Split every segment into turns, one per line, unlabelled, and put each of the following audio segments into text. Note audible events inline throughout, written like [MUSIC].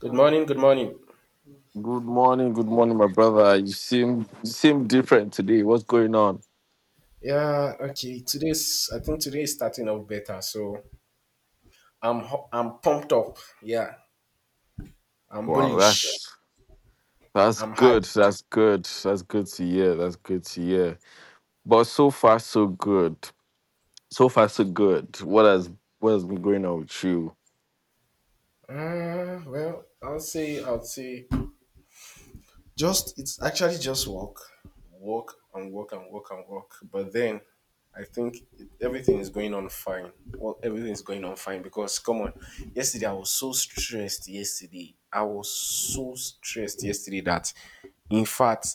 Good morning. Good morning.
Good morning, my brother. You seem different today. What's going on?
Yeah. Okay. Today's. I think today is starting off better. So I'm pumped up. Yeah. I'm
Wow,
bullish.
that's
I'm
good.
hyped.
That's good. That's good to hear. That's good to hear. But so far, so good. So far, so good. What has been going on with you?
Well, I'll say. Just. It's actually just walk, walk and walk and walk and walk. But then, everything is going on fine. Well, everything is going on fine because come on. Yesterday I was so stressed. Yesterday I was so stressed. Yesterday that, in fact.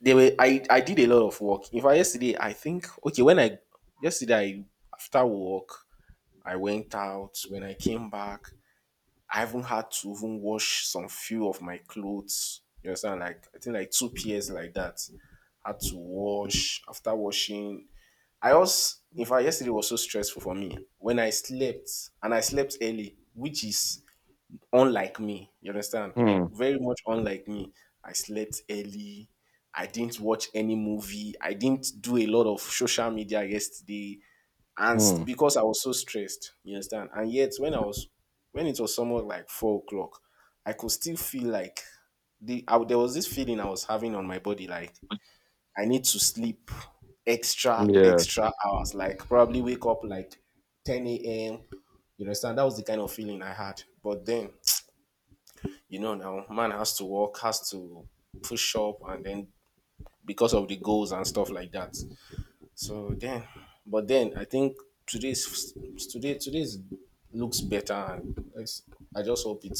They were I did a lot of work. In fact, yesterday I think okay when I yesterday I, after work I went out. When I came back, I even had to even wash some few of my clothes. You understand? Like I think like two pairs like that. Had to wash after washing. I also in fact yesterday was so stressful for me when I slept, and I slept early, which is unlike me. You understand?
Hmm.
Very much unlike me. I slept early. I didn't watch any movie. I didn't do a lot of social media yesterday.
Hmm.
Because I was so stressed, you understand? And yet when I was when it was somewhat like 4 o'clock, I could still feel like there was this feeling I was having on my body like I need to sleep extra
Yeah.
extra hours, like probably wake up like 10 a.m. You understand? That was the kind of feeling I had. But then you know, now man has to work, has to push up, and then because of the goals and stuff like that. So then, but then I think today's today's looks better, and I just hope it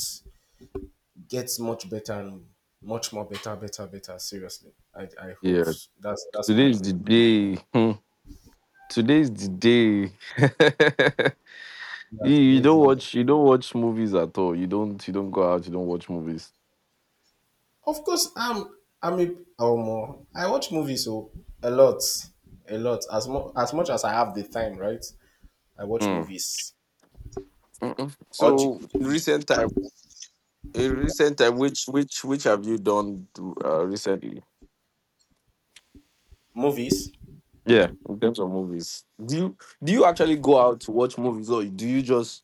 gets much better and much more better, better, better. Seriously, I hope
Yeah.
that's my
Today's the
hope.
day. Hmm. Today's the day. You
That's
you
today's
don't
day.
watch. You don't watch movies at all. You don't. You don't go out. You don't watch movies.
Of course, I watch movies so a lot, as much as I have the time, right? I watch
Hmm.
movies.
Mm-mm.
or ch-
So in
ch-
recent time. in recent time, which which have you done recently?
Movies.
Yeah, in terms of movies, do you actually go out to watch movies, or do you just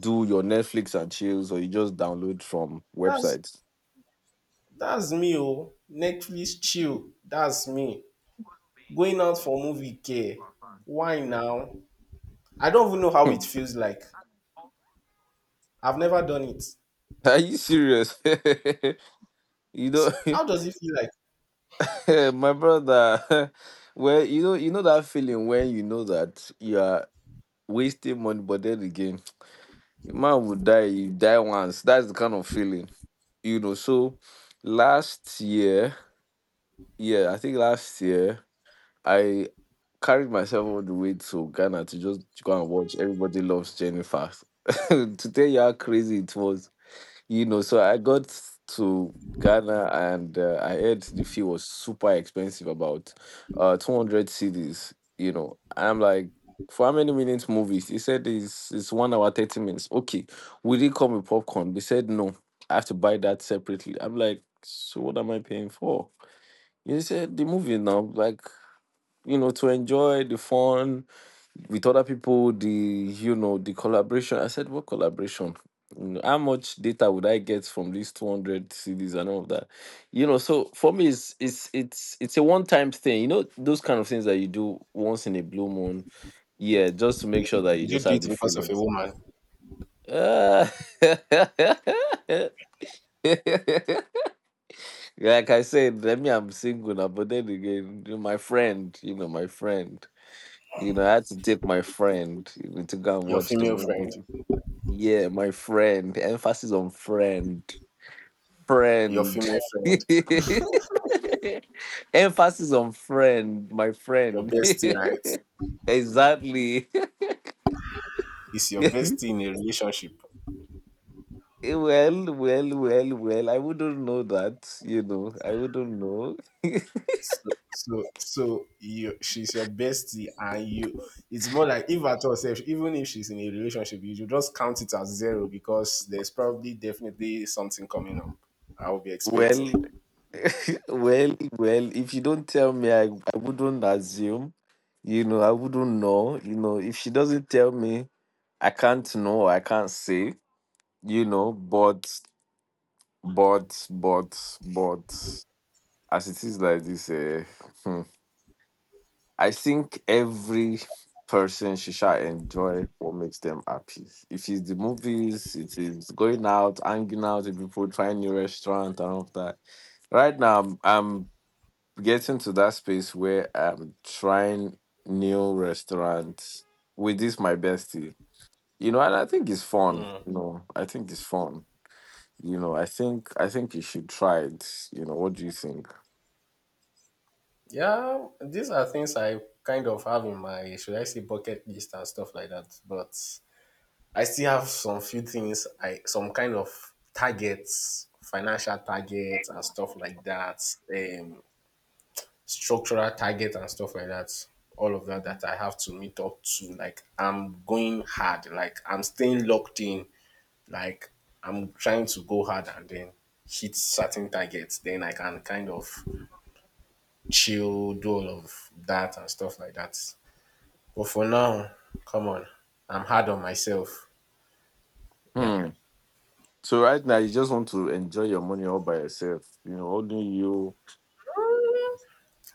do your Netflix and chills, or you just download from
That's
websites?
that's me. Oh, Netflix chill. That's me. Going out for movie care. Why now? I don't even know how it
Hmm. [LAUGHS]
feels like. I've never done it.
Are you serious? [LAUGHS] You
So
know.
how does it feel like?
[LAUGHS] My brother. [LAUGHS] Well, you know that feeling when you know that you are wasting money, but then again, [TSK] man would die. You die once. That's the kind of feeling, you know. So last year. Yeah, I think last year I carried myself all the way to Ghana to just go and watch Everybody Loves Jennifer. [LAUGHS] To tell you how crazy it was, you know. So I got to Ghana and I heard the fee was super expensive, about 200 cedis, you know. I'm like, for how many minutes movies? He said it's 1 hour 30 minutes. Okay, will it come with popcorn? They said no. I have to buy that separately. I'm like, so what am I paying for? You said the movie now, like, you know, to enjoy the fun with other people, the collaboration. I said, what collaboration? You know, how much data would I get from these 200 CDs and all of that? You know, so for me, it's a one time thing. You know, those kind of things that you do once in a blue moon. Yeah, just to make sure that you
Did you
just
do
have
it
the
because of
feeling.
a woman?
Uh, [LAUGHS] like I said, let me I'm single now, but then again, you know, my friend, you know, my friend. You know, I had to take my friend, to go and
Your
watch the
female friend.
movie. Yeah, my friend. Emphasis on friend.
Your
Friend.
female friend.
[LAUGHS] Emphasis on friend, my
Your
friend.
bestie,
[LAUGHS]
right?
Exactly. [LAUGHS]
It's your
Well,
bestie in a relationship.
well, well, well. I wouldn't know that, you know. I wouldn't know. [LAUGHS]
So you, she's your bestie, and you. It's more like if at all, sef, even if she's in a relationship, you should just count it as zero because there's probably definitely something coming up. I will be expecting.
Well, well, well, if you don't tell me, I wouldn't assume, you know, I wouldn't know, you know, if she doesn't tell me, I can't know, I can't say, you know, but but but but as it is like this, hmm, I think every person should shall enjoy what makes them happy. If it's the movies, it is going out, hanging out with people, trying new restaurant and all of that. Right now, I'm getting to that space where I'm trying new restaurants with this my bestie. You know, and I think it's fun. You know, I think it's fun. You know, I think you should try it. You know, what do you think?
Yeah, these are things I kind of have in my should I say bucket list and stuff like that. But I still have some few things I some kind of targets, financial targets and stuff like that. Um Structural targets and stuff like that. All of that that I have to meet up to. Like I'm going hard. Like I'm staying locked in. Like I'm trying to go hard and then hit certain targets. Then I can kind of chill, do all of that and stuff like that. But for now, come on. I'm hard on myself. Yep.
Hmm. So right now you just want to enjoy your money all by yourself. You know, only you.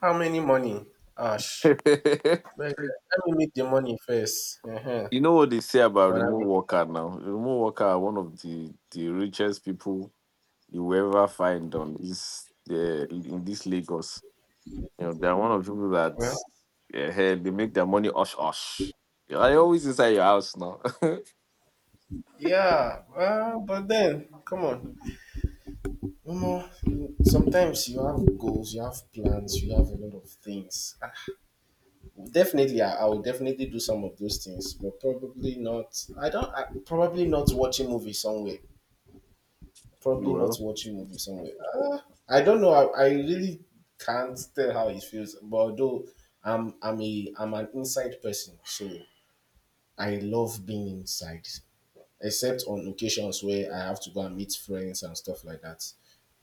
How many money? Ash.
[LAUGHS]
Let me make the money first. Uh-huh.
You know what they say about
When I
remote
make
worker now. Remote worker are one of the richest people you will ever find on this, in this Lagos. You know, they're one of the people that,
well,
hey, they make their money osh osh. They always inside your house now. [LAUGHS]
yeah, well, but then, come on. Omo, you- sometimes you have goals, you have plans, you have a lot of things. Ah, definitely, I will definitely do some of those things, but probably not. I don't. I, probably not watching movie somewhere. Probably not
Well.
watching movie somewhere. Ah, I don't know. I really can't tell how it feels. But although I'm an inside person, so I love being inside, except on occasions where I have to go and meet friends and stuff like that,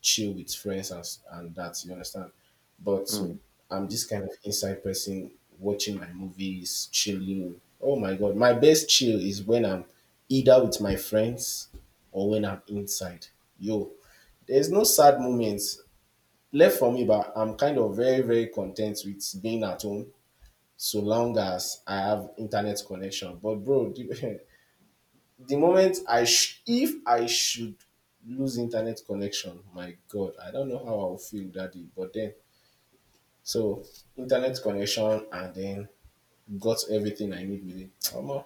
chill with friends and that, you understand? But so,
Hmm.
I'm this kind of inside person watching my movies, chilling. Oh my God, my best chill is when I'm either with my friends or when I'm inside. Yo, there's no sad moments left for me, but I'm kind of very, very content with being at home so long as I have internet connection. But bro, [LAUGHS] the moment if I should lose internet connection, my God, I don't know how I'll feel that day. But then, so internet connection and then got everything I need with it. Omo,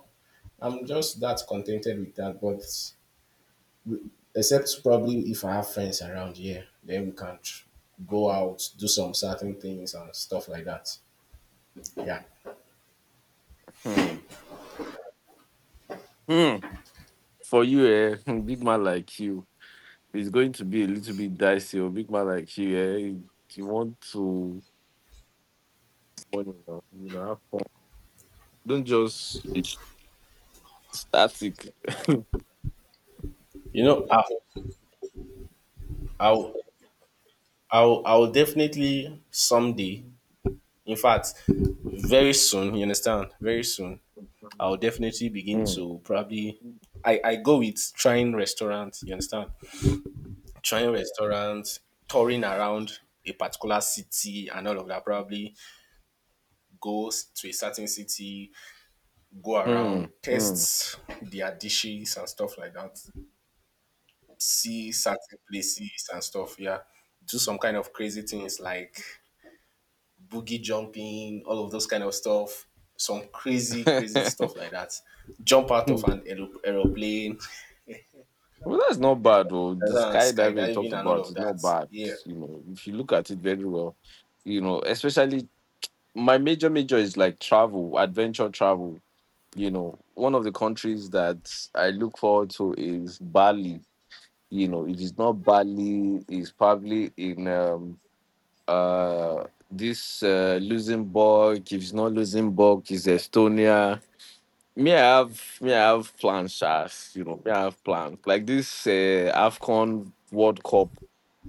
I'm just that contented with that. But except probably if I have friends around here, then go out, do some certain things and stuff like that. Yeah.
Hmm. Hmm. For you, eh, [LAUGHS] big man like you, it's going to be a little bit dicey. Or big man like you, eh, you want to, have fun. Don't just be static.
You know, I'll, I'll definitely someday, in fact, very soon, you understand, very soon, I'll definitely begin
Hmm.
to probably I go with trying restaurants, you understand? Trying restaurants, touring around a particular city and all of that, probably to a certain city, go
Hmm.
around,
Hmm.
test their dishes and stuff like that, see certain places and stuff, yeah. Do some kind of crazy things like boogie jumping, all of those kind of stuff, some crazy, crazy stuff
[LAUGHS]
like that. Jump out of
Hmm.
an aero- aeroplane,
Well, that's not bad, though. The skydiving you talked
skydiving and all
about
of
is not
that.
bad.
Yeah.
You know, if you look at it very well, you know, especially my major is like travel, adventure travel. You know, one of the countries that I look forward to is Bali. You know, it is not Bali, it's probably in uh this Luxembourg. If it's not Luxembourg, it's Estonia. Me I have plans, Shas. You know, me I have plans like this, AFCON World Cup.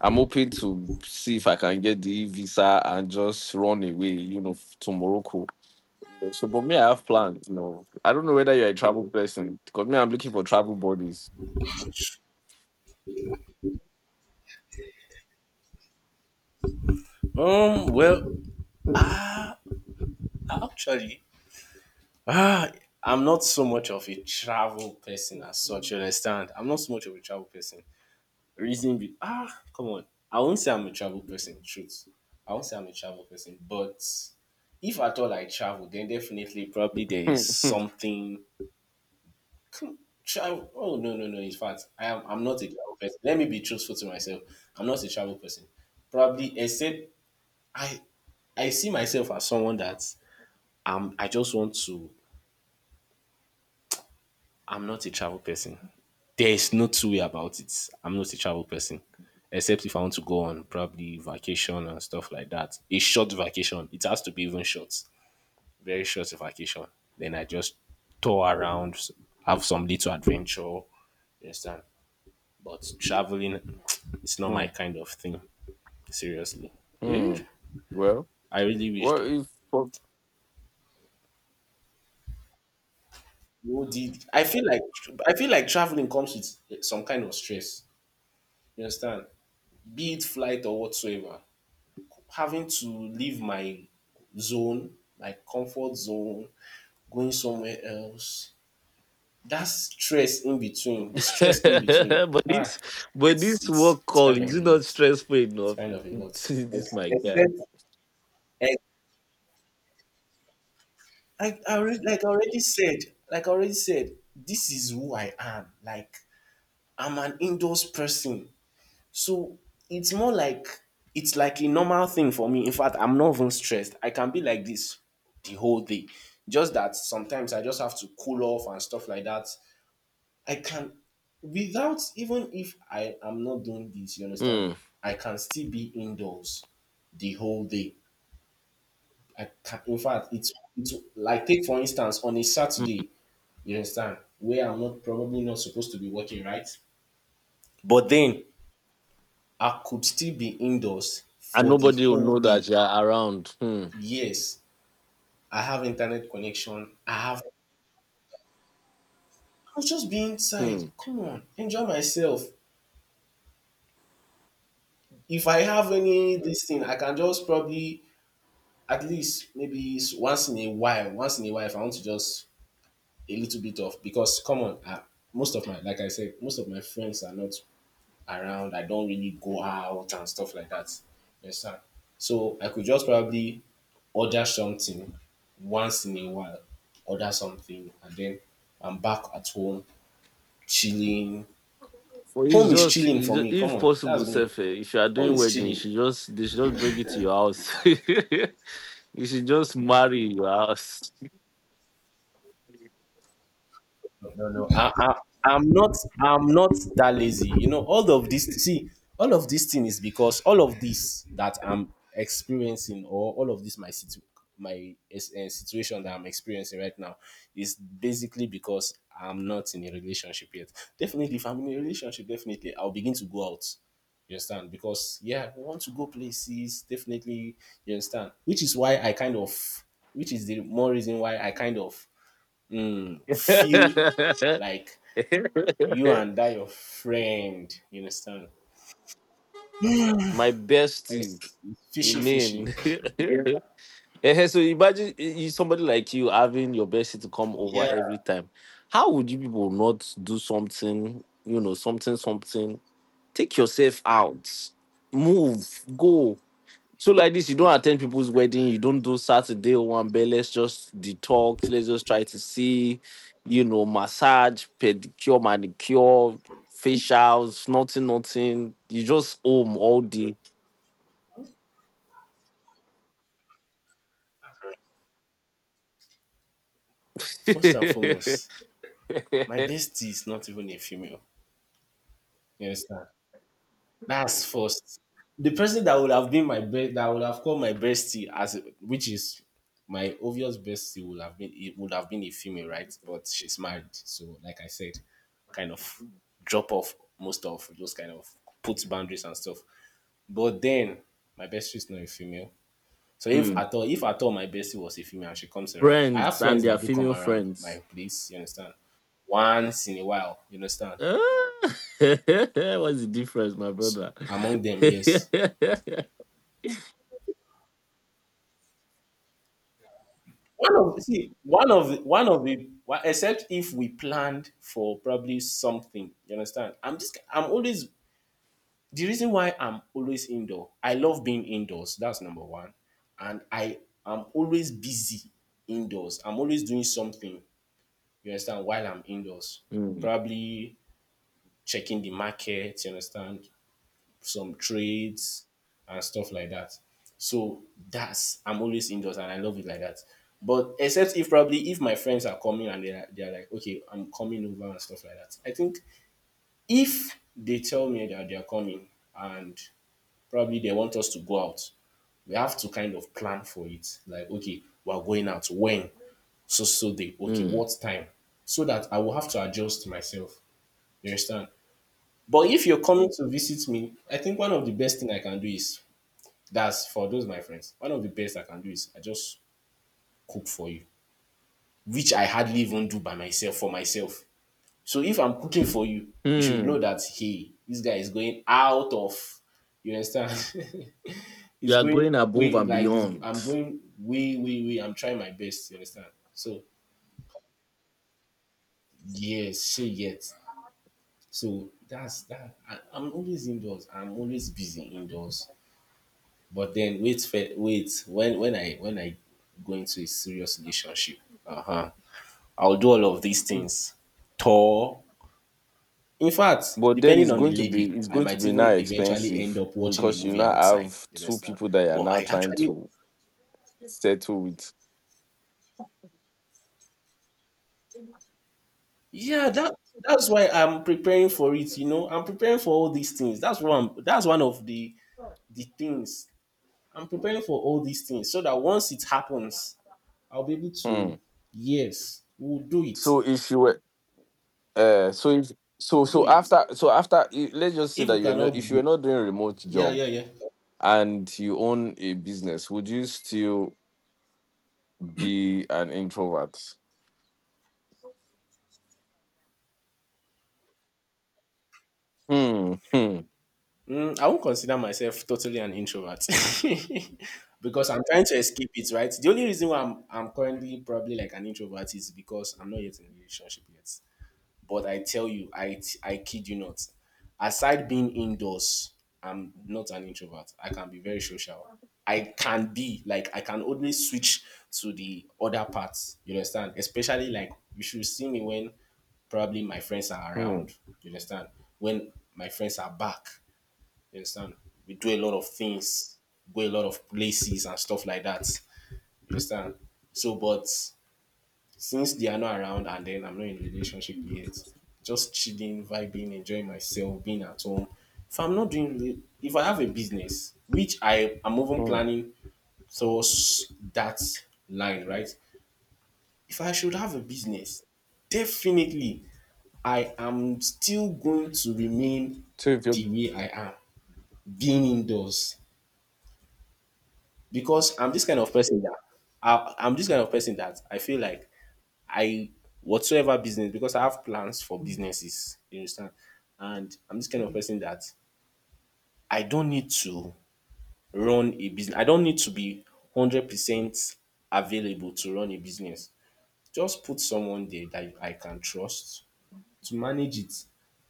I'm hoping to see if I can get the visa and just run away, you know, to Morocco. So but me I have plans, you know, I don't know whether you're a travel person, because me I'm looking for travel buddies. [LAUGHS]
Well, actually, ah, I'm not so much of a travel person as such. You understand? I'm not so much of a travel person. Reason be ah, come on. I won't say I'm a travel person. Truth. I won't say I'm a travel person. But if at all I travel, then definitely probably there
Hmm,
is
hmm,
something. Hmm. Travel. Oh no no no! In fact, I am. I'm not a travel person. Let me be truthful to myself. I'm not a travel person. Probably except I. I see myself as someone that I just want to, I'm not a travel person. There is no two-way about it. I'm not a travel person. Except if I want to go on probably vacation and stuff like that. A short vacation. It has to be even short. Very short vacation. Then I just tour around, have some little adventure. You understand? But traveling, it's not my
hmm,
kind of thing. Seriously. Eh,
hmm. Well.
I really wish
What
though.
is for
Who did I feel like traveling comes with some kind of stress. You understand? Be it flight or whatsoever, having to leave my zone, my comfort zone, going somewhere else, that stress in between, the
[LAUGHS]
stress in between,
but
ah,
this,
it's it's
work
it's
call,
kind of
is
a
it not
lot.
stressful
It's
enough?
kind of
[LAUGHS]
a lot.
This my guy.
Ex- I already, like I already said, this is who I am. Like I'm an indoors person. So it's more like it's like a normal thing for me. In fact, I'm not even stressed. I can be like this the whole day. Just that sometimes I just have to cool off and stuff like that. I can without even if I am not doing this, you understand?
Hmm.
I can still be indoors the whole day. I can, in fact, it's like take for instance on a
Hmm.
Saturday, you understand, where I'm not probably not supposed to be working, right? But then I could still be indoors
And
for the
nobody will
whole
know that
day.
you are around. Hmm.
Yes, I have internet connection. I have. I'll just be inside.
Hmm.
Come on, enjoy myself. If I have any this thing, I can just probably at least maybe once in a while, if I want to just a little bit of because come on, most of my like I said, most of my friends are not around. I don't really go out and stuff like that. You understand? So I could just probably order something once in a while, order something, and then I'm back at home chilling.
But it's
Home is
just,
chilling
it's
for
ju-
me, come
if
on,
possible,
dats me.
Sefe, if you are
Home
doing
is
wedding, you
chilling.
should just they should just bring it to your house. [LAUGHS] You should just marry your house.
No. I'm not. I'm not that lazy. You know, all of this. See, all of this thing is because all of this that I'm experiencing, or all of this my situ- my situation that I'm experiencing right now, is basically because I'm not in a relationship yet. Definitely, if I'm in a relationship, definitely I'll begin to go out. You understand? Because yeah, we want to go places. Definitely, you understand. Which is the more reason why I kind of feel like you and that
[LAUGHS]
your friend, you understand?
My bestie,
It's
you
fishy, fishy.
mean? [LAUGHS] Eh, so imagine, somebody like you having your bestie to come over every time. How would you people not do something, something, something? Take yourself out, move, go. So like this, you don't attend people's wedding, you don't do Saturday one, but let's just detox, let's just try to see, you know, massage, pedicure, manicure, facials, nothing, nothing. You just home all day.
First and foremost,
[LAUGHS]
my bestie is not even a female. You understand? That's first. The person that would have been my best, that would have called my bestie as, which is my obvious bestie, would have been it would have been a female, right? But she's married, so like I said, kind of drop off most of those kind of puts boundaries and stuff. But then my bestie is not a female. So
Hmm.
if at all my bestie was a female and she comes around, I have
Friends and
friends
their
that do come
female
around my
friends.
place, you understand? Once in a while, you understand?
Ah. [LAUGHS] What's the difference, my
So
brother?
among them, yes.
[LAUGHS]
One of see, one of the one of the one- Except if we planned for probably something, you understand? I'm always the reason why I'm always indoor. I love being indoors. That's number one. And I am always busy indoors. I'm always doing something, you understand, while I'm indoors.
Mm,
Probably checking the market, you understand, some trades and stuff like that. So that's I'm always indoors and I love it like that. But except if probably if my friends are coming and they're like, okay, I'm coming over and stuff like that. I think if they tell me that they're coming and probably they want us to go out, we have to kind of plan for it. Like, okay, we're going out when? So so they okay,
mm,
what time? So that I will have to adjust myself. You understand? But if you're coming to visit me, I think one of the best thing I can do is that's for those my friends. One of the best I can do is I just cook for you, which I hardly even do by myself for myself. So if I'm cooking for you, you should know
mm.
that hey, this guy is going out of you understand. [LAUGHS]
You
It's
are
going
going above
way
and
like it's,
beyond.
I'm going way. I'm trying my best. You understand? So yes, she yet. So that's that. I'm always indoors. I'm always busy indoors. But then wait, wait. When I go into a serious relationship, uh huh, I'll do all of these things. Tour. In fact,
But then
depending
it's
on the
going to be
lady,
it's
I
going to
might
be now
even eventually end
expensive,
up watching a
because you
movie
now
outside.
have
You
two
understand?
people that you are
But
now
I
trying
actually,
to settle with.
yeah, that's why I'm preparing for it. You know, I'm preparing for all these things. That's one. That's one of the things I'm preparing for all these things so that once it happens, I'll be able
Hmm.
to. Yes, we'll do it.
So if you were so if
We'll
so
do it.
let's just say
If you
that you're not
cannot
if you're
go,
not doing a remote
yeah,
job
yeah, yeah.
and you own a business, would you still be an introvert? Hmm. Hmm.
I won't consider myself totally an introvert [LAUGHS] because I'm trying to escape it, right? The only reason why I'm currently probably like an introvert is because I'm not yet in a relationship yet. But I tell you, I kid you not. Aside being indoors, I'm not an introvert. I can be very social. I can always switch to the other parts. You understand? Especially like you should see me when probably my friends are
Hmm.
around. You understand? When my friends are back. You understand? We do a lot of things, go a lot of places and stuff like that. You understand? So, but since they are not around and then I'm not in a relationship yet, just chilling, vibing, enjoying myself, being at home. If I'm not doing, re- If I have a business, which I am even
Hmm.
planning towards that line, right? If I should have a business, definitely I am still going to remain
So if
the
you
way I am, being indoors, because I'm this kind of person that I feel like I whatsoever business because I have plans for businesses. You understand? And I'm this kind of person that I don't need to run a business. I don't need to be 100% available to run a business. Just put someone there that I can trust to manage it.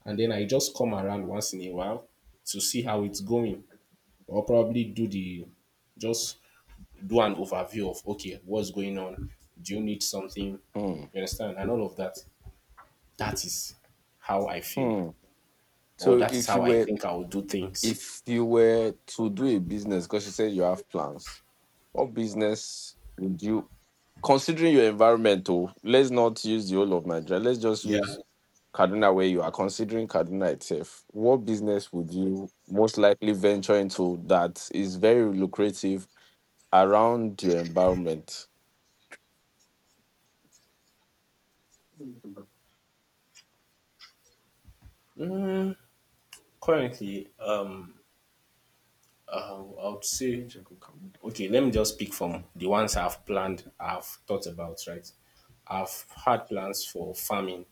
And then I just come around once in a while to see how it's going. Or probably do the just do an overview of okay, what's going on? Do you need something?
hmm.
You understand? And all of that. That is how I feel,
Hmm.
or
So
that is
if
how
you
I
were
think I will do things.
if you were to do a business, because you said you have plans, what business would you, considering your environmental? Let's not use the whole of Nigeria. Let's just
Yeah.
use Kaduna, where you are. Considering Kaduna itself, what business would you most likely venture into that is very lucrative around your environment?
Currently, I would say, okay, let me just pick from the ones I've planned, I've thought about, right? I've had plans for farming,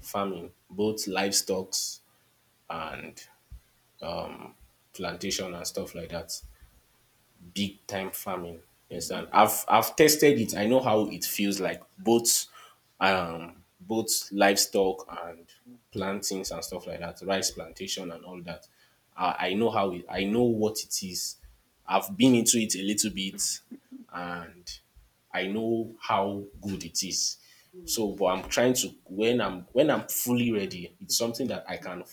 farming, both livestock and plantation and stuff like that. Big time farming. You understand? I've tested it. I know how it feels like both both livestock and plantings and stuff like that, rice plantation and all that. I know how it I know what it is. I've been into it a little bit and I know how good it is. So but I'm trying to when I'm fully ready, it's something that I can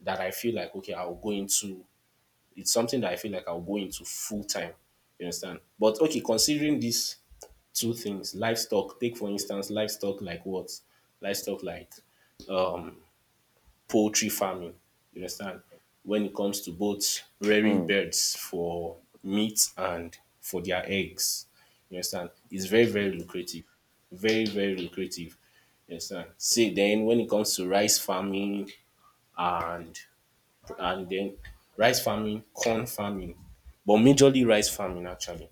that I feel like okay, I'll go into it's something that I feel like I'll go into full time. You understand? But okay, considering these two things, livestock, take for instance, livestock like what? Livestock like um, poultry farming. You understand? When it comes to both rearing
Hmm.
birds for meat and for their eggs. You understand? It's very, very lucrative. Very, very lucrative. You understand? See, then when it comes to rice farming and and then rice farming, corn farming, but majorly rice farming actually.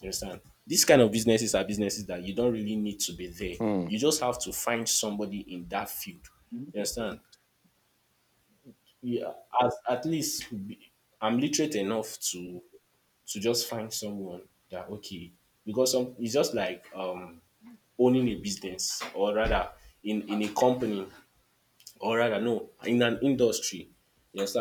You understand? These kind of businesses are businesses that you don't really need to be there.
Hmm.
You just have to find somebody in that field. You understand? Yeah, as, at least be- I'm literate enough to just find someone that okay because some it's just like owning a business, or rather in a company, or rather no, in an industry. You understand?